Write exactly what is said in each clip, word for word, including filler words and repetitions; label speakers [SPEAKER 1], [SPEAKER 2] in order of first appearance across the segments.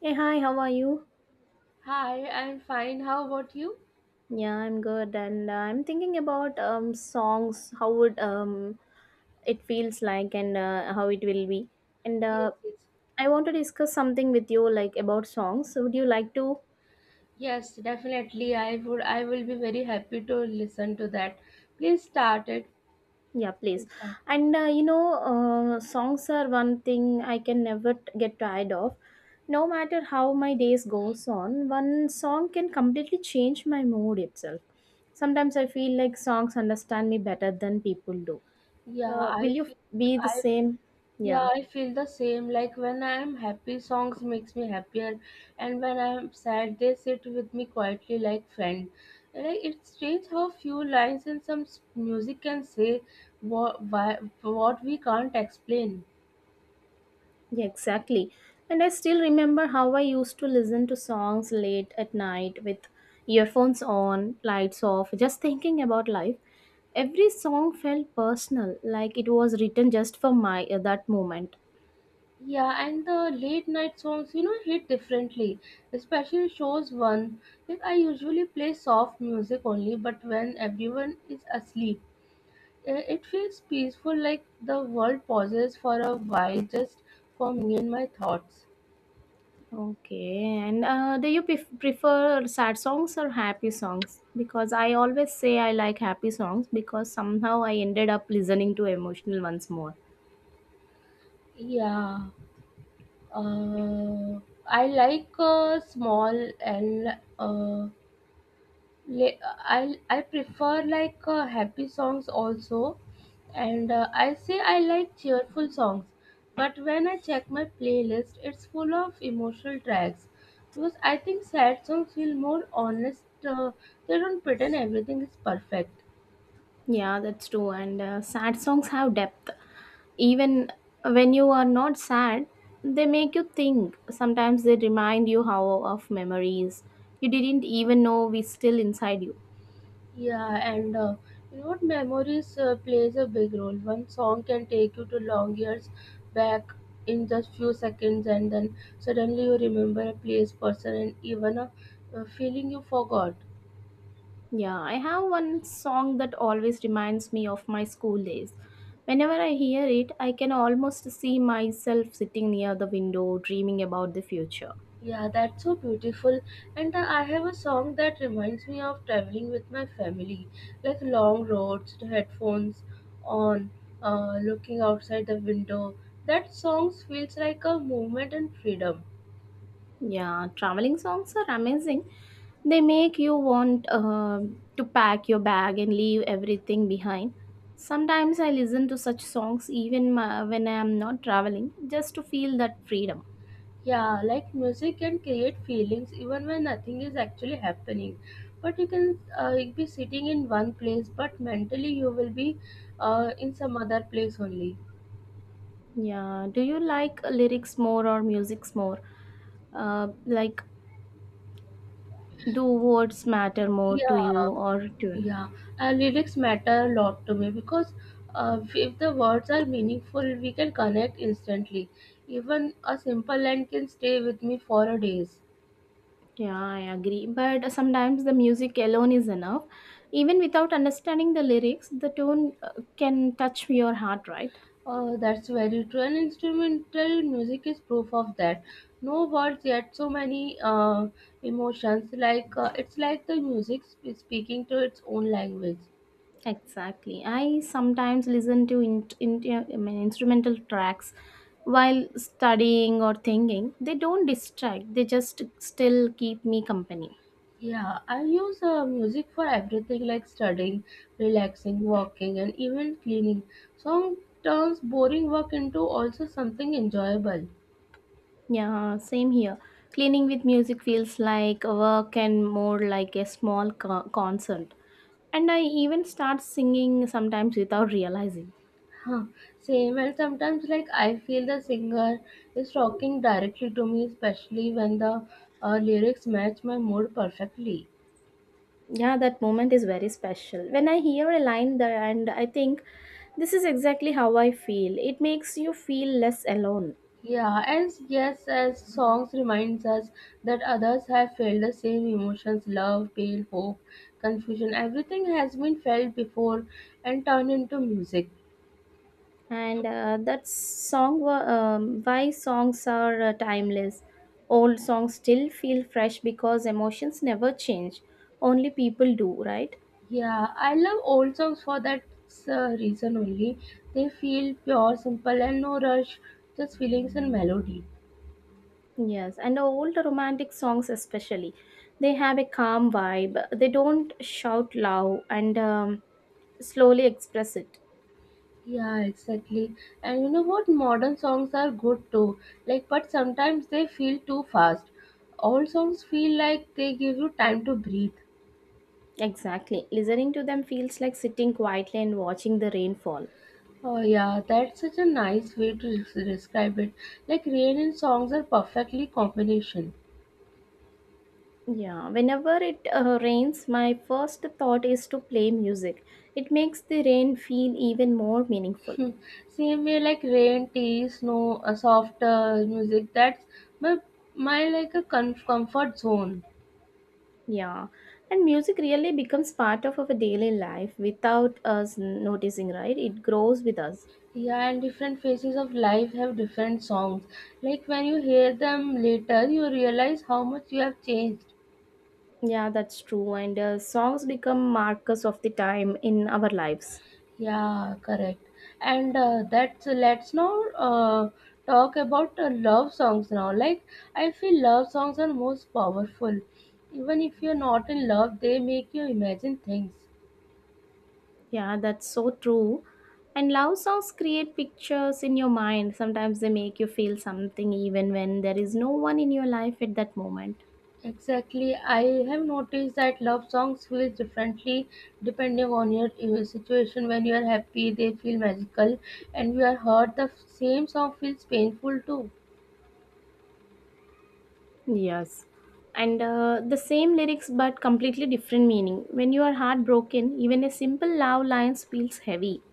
[SPEAKER 1] Hey, hi, how are you?
[SPEAKER 2] Hi, I'm fine. How about you?
[SPEAKER 1] Yeah, I'm good, and uh, I'm thinking about um songs, how would um it feels like, and uh, how it will be, and
[SPEAKER 2] Yes,
[SPEAKER 1] uh,
[SPEAKER 2] yes.
[SPEAKER 1] I want to discuss something with you, like about songs. Would you like to?
[SPEAKER 2] Yes, definitely. I would I will be very happy to listen to that. Please start it.
[SPEAKER 1] Yeah, please.
[SPEAKER 2] Please start.
[SPEAKER 1] And uh, you know, uh, songs are one thing I can never t- get tired of. No matter how my days goes on, one song can completely change my mood itself. Sometimes I feel like songs understand me better than people do.
[SPEAKER 2] Yeah,
[SPEAKER 1] Uh, will
[SPEAKER 2] I
[SPEAKER 1] you
[SPEAKER 2] feel
[SPEAKER 1] be the
[SPEAKER 2] I
[SPEAKER 1] same?
[SPEAKER 2] yeah,
[SPEAKER 1] yeah
[SPEAKER 2] I feel the same. Like when I'm happy, songs makes me happier, and when I'm sad, they sit with me quietly like friend. Like it's strange how few lines in some s- music can say what why, what we can't explain.
[SPEAKER 1] yeah exactly. And I still remember how I used to listen to songs late at night with earphones on, lights off, just thinking about life. Every song felt personal, like it was written just for my uh, that moment.
[SPEAKER 2] Yeah, and the late night songs, you know, hit differently, especially shows one. Like I usually play soft music only, but when everyone is asleep, eh, it feels peaceful, like the world pauses for a while just for me and my thoughts.
[SPEAKER 1] Okay, and uh, do you pref- prefer sad songs or happy songs? Because I always say I like happy songs, because somehow I ended up listening to emotional ones more.
[SPEAKER 2] Yeah, uh, I like uh, small and uh, le- I I prefer like uh, happy songs also, and uh, I say I like cheerful songs, but when I check my playlist, it's full of emotional tracks. Because I think sad songs feel more honest. Uh, they don't pretend everything is perfect.
[SPEAKER 1] Yeah, that's true. And uh, sad songs have depth. Even when you are not sad, they make you think. Sometimes they remind you how of memories you didn't even know we still inside you.
[SPEAKER 2] Yeah, and uh, you know what? Memories uh, plays a big role. One song can take you to long years back in just few seconds, and then suddenly you remember a place, person, and even a, a feeling you forgot.
[SPEAKER 1] Yeah, I have one song that always reminds me of my school days. Whenever I hear it, I can almost see myself sitting near the window dreaming about the future.
[SPEAKER 2] Yeah, that's so beautiful. And uh, I have a song that reminds me of traveling with my family, like long roads, the headphones on, uh, looking outside the window. That song feels like a movement and freedom.
[SPEAKER 1] Yeah, traveling songs are amazing. They make you want uh, to pack your bag and leave everything behind. Sometimes I listen to such songs even ma- when I am not traveling, just to feel that freedom.
[SPEAKER 2] Yeah, like music can create feelings even when nothing is actually happening. But you can uh, you'll be sitting in one place, but mentally you will be uh, in some other place only.
[SPEAKER 1] Yeah, do you like lyrics more or musics more? Uh, like, do words matter more to you
[SPEAKER 2] Yeah,
[SPEAKER 1] or tune?
[SPEAKER 2] yeah. Uh, lyrics matter a lot to me because uh, if the words are meaningful, we can connect instantly. Even a simple line can stay with me for a days.
[SPEAKER 1] Yeah, I agree. But sometimes the music alone is enough. Even without understanding the lyrics, the tone uh, can touch your heart, right?
[SPEAKER 2] Oh, that's very true. And instrumental music is proof of that. No words yet, so many uh, emotions. Like uh, it's like the music sp- speaking to its own language.
[SPEAKER 1] Exactly. I sometimes listen to in, in, I mean, instrumental tracks while studying or thinking. They don't distract, they just still keep me company.
[SPEAKER 2] Yeah, I use uh, music for everything like studying, relaxing, walking, and even cleaning. Song turns boring work into also something enjoyable.
[SPEAKER 1] Yeah, same here. Cleaning with music feels like a work and more like a small co- concert. And I even start singing sometimes without realizing.
[SPEAKER 2] Huh, Same, and sometimes like I feel the singer is talking directly to me, especially when the uh, lyrics match my mood perfectly.
[SPEAKER 1] Yeah, that moment is very special. When I hear a line there and I think this is exactly how I feel, it makes you feel less alone.
[SPEAKER 2] Yeah, and yes, as songs reminds us that others have felt the same emotions, love, pain, hope, confusion, everything has been felt before and turned into music.
[SPEAKER 1] And uh, that song wa- um, why songs are uh, timeless. Old songs still feel fresh because emotions never change, only people do, right?
[SPEAKER 2] Yeah, I love old songs for that uh, reason only. They feel pure, simple and no rush, just feelings and melody.
[SPEAKER 1] Yes, and old romantic songs especially, they have a calm vibe. They don't shout loud and um, slowly express it.
[SPEAKER 2] Yeah, exactly. And you know what? Modern songs are good too. Like, but sometimes they feel too fast. Old songs feel like they give you time to breathe.
[SPEAKER 1] Exactly, listening to them feels like sitting quietly and watching the rain fall.
[SPEAKER 2] Oh, yeah, that's such a nice way to des- describe it. Like, rain and songs are perfectly combination.
[SPEAKER 1] Yeah, whenever it uh, rains, my first thought is to play music. It makes the rain feel even more meaningful.
[SPEAKER 2] Same way, like rain, tea, snow, a soft uh, music. That's my my like a com- comfort zone.
[SPEAKER 1] Yeah, and music really becomes part of our daily life without us noticing, right? It grows with us.
[SPEAKER 2] Yeah, and different phases of life have different songs. Like when you hear them later, you realize how much you have changed.
[SPEAKER 1] Yeah, that's true. And uh, songs become markers of the time in our lives.
[SPEAKER 2] Yeah, correct. And uh, that's let's now uh, talk about uh, love songs now. Like I feel love songs are most powerful. Even if you're not in love, they make you imagine things.
[SPEAKER 1] Yeah, that's so true. And love songs create pictures in your mind. Sometimes they make you feel something even when there is no one in your life at that moment.
[SPEAKER 2] Exactly. I have noticed that love songs feel differently depending on your uh, situation. When you are happy, they feel magical, and you are hurt, the same song feels painful too.
[SPEAKER 1] Yes. And uh, the same lyrics but completely different meaning. When you are heartbroken, even a simple love line feels heavy.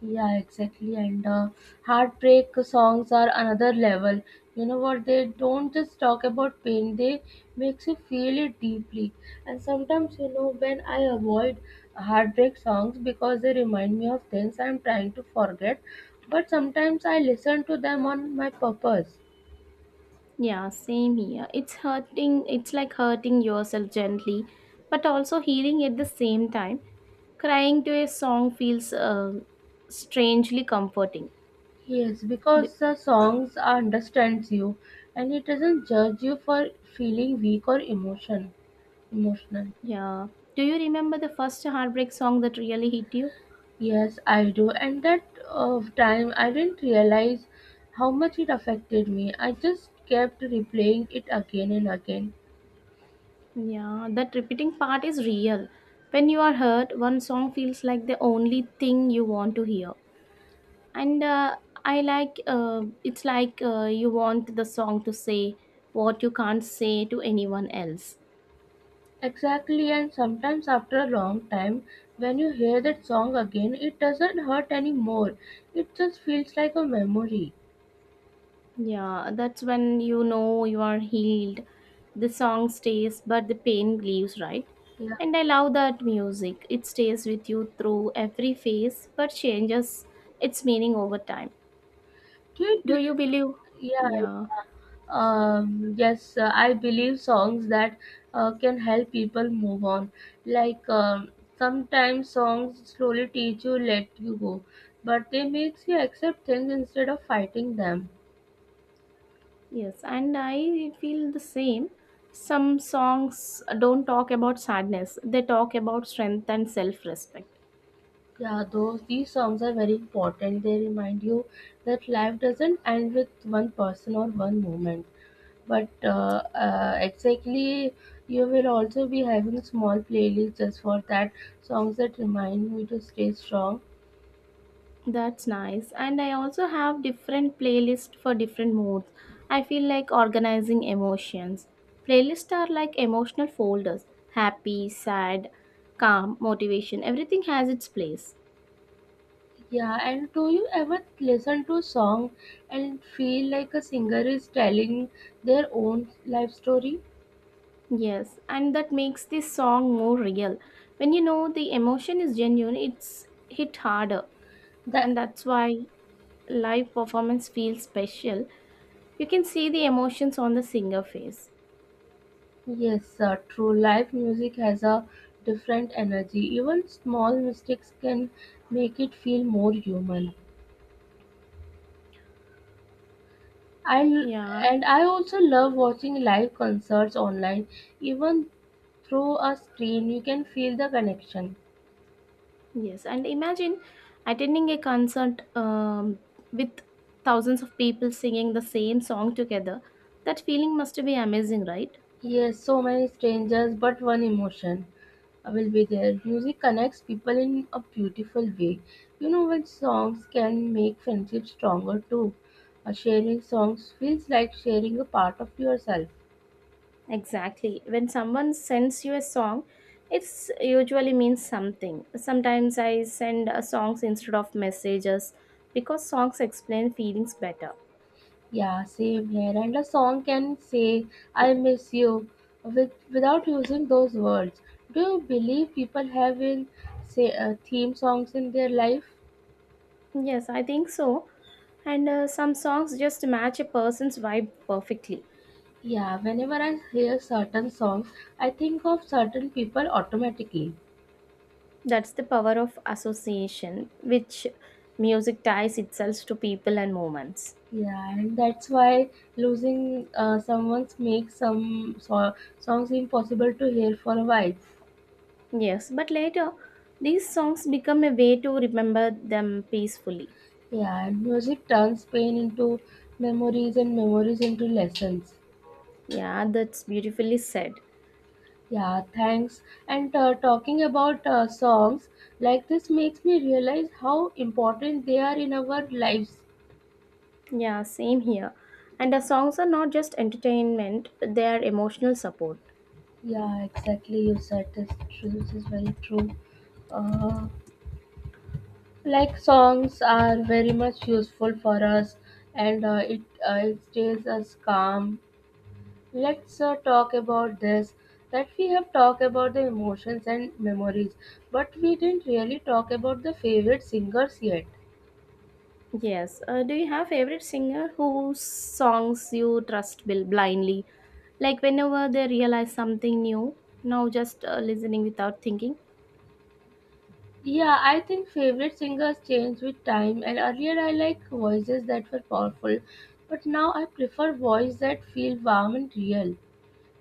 [SPEAKER 2] Yeah, exactly. And uh, heartbreak songs are another level. You know what? They don't just talk about pain; they makes you feel it deeply. And sometimes, you know, when I avoid heartbreak songs because they remind me of things I'm trying to forget, but sometimes I listen to them on my purpose.
[SPEAKER 1] Yeah, same here. It's hurting, it's like hurting yourself gently, but also healing at the same time. Crying to a song feels uh, strangely comforting.
[SPEAKER 2] Yes,
[SPEAKER 1] B-
[SPEAKER 2] because the songs understands you, and it doesn't judge you for feeling weak or emotion emotional.
[SPEAKER 1] yeah. Do you remember the first heartbreak song that really hit you?
[SPEAKER 2] Yes, I do. And that uh, time I didn't realize how much it affected me. I just kept replaying it again and again.
[SPEAKER 1] Yeah, that repeating part is real. When you are hurt, one song feels like the only thing you want to hear. And uh, I like uh, it's like uh, you want the song to say what you can't say to anyone else.
[SPEAKER 2] Exactly, and sometimes after a long time, when you hear that song again, it doesn't hurt anymore. It just feels like a memory.
[SPEAKER 1] Yeah, that's when you know you are healed. The song stays but the pain leaves, right?
[SPEAKER 2] Yeah.
[SPEAKER 1] And I love that music, it stays with you through every phase but changes its meaning over time.
[SPEAKER 2] Do you
[SPEAKER 1] Do you
[SPEAKER 2] believe,
[SPEAKER 1] believe?
[SPEAKER 2] yeah,
[SPEAKER 1] Yeah.
[SPEAKER 2] yeah. Um, yes, uh, I believe songs that uh, can help people move on. Like um, sometimes songs slowly teach you, let you go, but they makes you accept things instead of fighting them.
[SPEAKER 1] Yes, and I feel the same. Some songs don't talk about sadness, they talk about strength and self respect.
[SPEAKER 2] Yeah, those these songs are very important. They remind you that life doesn't end with one person or one moment. But uh, uh, exactly, you will also be having small playlists just for that songs that remind me to stay strong.
[SPEAKER 1] That's nice. And I also have different playlists for different moods. I feel like organizing emotions. Playlists are like emotional folders: happy, sad, calm, motivation. Everything has its place.
[SPEAKER 2] Yeah, and do you ever listen to song and feel like a singer is telling their own life story?
[SPEAKER 1] Yes, and that makes this song more real. When you know the emotion is genuine, it's hit harder, and
[SPEAKER 2] That
[SPEAKER 1] that's why live performance feels special. You can see the emotions on the singer face.
[SPEAKER 2] Yes, uh, true. Live music has a different energy. Even small mistakes can make it feel more human. I
[SPEAKER 1] Yeah,
[SPEAKER 2] and I also love watching live concerts online. Even through a screen, you can feel the connection.
[SPEAKER 1] yes. And imagine attending a concert um, with thousands of people singing the same song together. That feeling must be amazing, right?
[SPEAKER 2] Yes, so many strangers, but one emotion will be there. Music connects people in a beautiful way. You know when songs can make friendships stronger too. Uh, sharing songs feels like sharing a part of yourself.
[SPEAKER 1] Exactly. When someone sends you a song, it's usually means something. Sometimes I send uh, songs instead of messages because songs explain feelings better.
[SPEAKER 2] Yeah, same here. And a song can say, I miss you, with, without using those words. Do you believe people have in, say, uh, theme songs in their life?
[SPEAKER 1] Yes, I think so. And uh, some songs just match a person's vibe perfectly.
[SPEAKER 2] Yeah, whenever I hear certain songs, I think of certain people automatically.
[SPEAKER 1] That's the power of association, which music ties itself to people and moments.
[SPEAKER 2] Yeah, and that's why losing uh, someone makes some so- songs impossible to hear for a while.
[SPEAKER 1] Yes, but later, these songs become a way to remember them peacefully.
[SPEAKER 2] Yeah, and music turns pain into memories and memories into lessons.
[SPEAKER 1] Yeah, that's beautifully said.
[SPEAKER 2] Yeah, thanks. And uh, talking about uh, songs like this makes me realize how important they are in our lives.
[SPEAKER 1] Yeah, same here. And the songs are not just entertainment, they are emotional support.
[SPEAKER 2] Yeah, exactly. You said this. true- This is very true. Uh, like songs are very much useful for us, and uh, it uh, it stays us calm. Let's uh, talk about this. That we have talked about the emotions and memories, but we didn't really talk about the favorite singers yet.
[SPEAKER 1] Yes. Uh, do you have favorite singer whose songs you trust bil- blindly? Like whenever they realize something new, now just uh, listening without thinking.
[SPEAKER 2] Yeah, I think favorite singers change with time, and earlier I like voices that were powerful, but now I prefer voices that feel warm and real.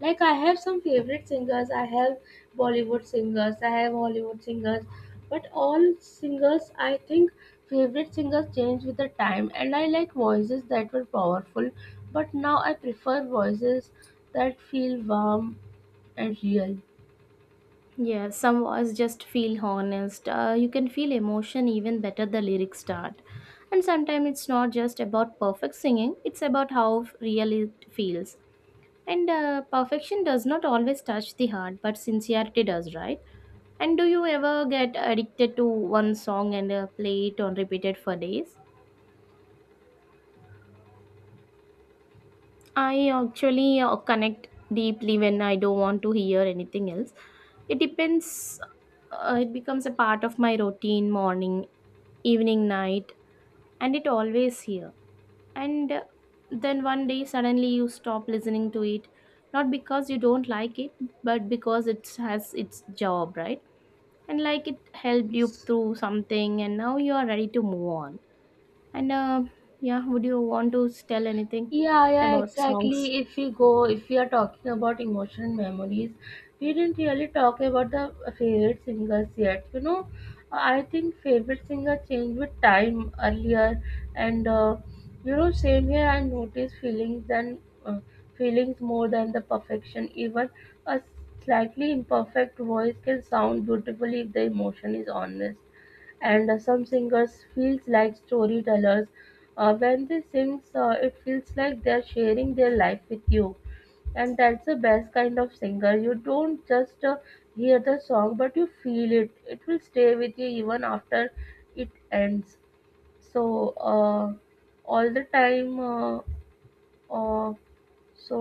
[SPEAKER 2] Like I have some favorite singers, I have Bollywood singers, I have Hollywood singers, but all singers I think favorite singers change with the time, and I like voices that were powerful, but now I prefer voices that feel warm and real.
[SPEAKER 1] Yeah, some was just feel honest. Uh, you can feel emotion even better the lyrics start. And sometimes it's not just about perfect singing, it's about how f- real it feels. And uh, perfection does not always touch the heart, but sincerity does, right? And do you ever get addicted to one song and uh, play it on repeated for days? I actually uh, connect deeply when I don't want to hear anything else. It depends, uh, it becomes a part of my routine morning, evening, night, and it always here. And uh, then one day suddenly you stop listening to it, not because you don't like it, but because it has its job, right? And like it helped you
[SPEAKER 2] Yes.
[SPEAKER 1] through something, and now you are ready to move on. And uh, yeah, would you want to tell anything
[SPEAKER 2] Yeah, yeah,
[SPEAKER 1] about songs?
[SPEAKER 2] exactly. If we go, if we are talking about emotional memories, we didn't really talk about the favorite singers yet. You know, I think favorite singer changed with time earlier, and uh, you know, same here. I noticed feelings and uh, feelings more than the perfection. Even a slightly imperfect voice can sound beautifully if the emotion is honest, and uh, some singers feels like storytellers uh, when they sing. Uh, it feels like they're sharing their life with you, and that's the best kind of singer. You don't just uh, hear the song, but you feel it. It will stay with you even after it ends. So uh, all the time uh, uh, so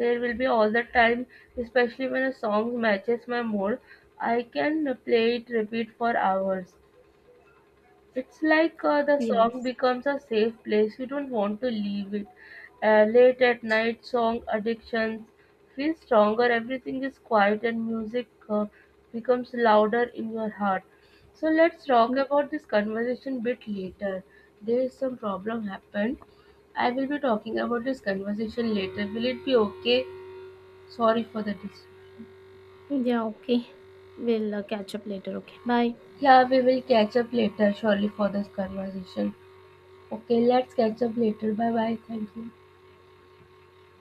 [SPEAKER 2] there will be all the time, especially when a song matches my mood. I can play it repeat for hours. It's like uh, the song
[SPEAKER 1] Yes.
[SPEAKER 2] becomes a safe place. You don't want to leave it. Uh, late at night song addictions feel stronger. Everything is quiet and music uh, becomes louder in your heart. So let's talk
[SPEAKER 1] Mm.
[SPEAKER 2] about this conversation bit later. There is some problem happened. I will be talking about this conversation later. Will it be okay? Sorry for the dis.
[SPEAKER 1] Yeah, okay. We'll uh, catch up later. Okay, bye.
[SPEAKER 2] Yeah, we will catch up later surely for this conversation. Okay, let's catch up later. Bye bye. Thank you.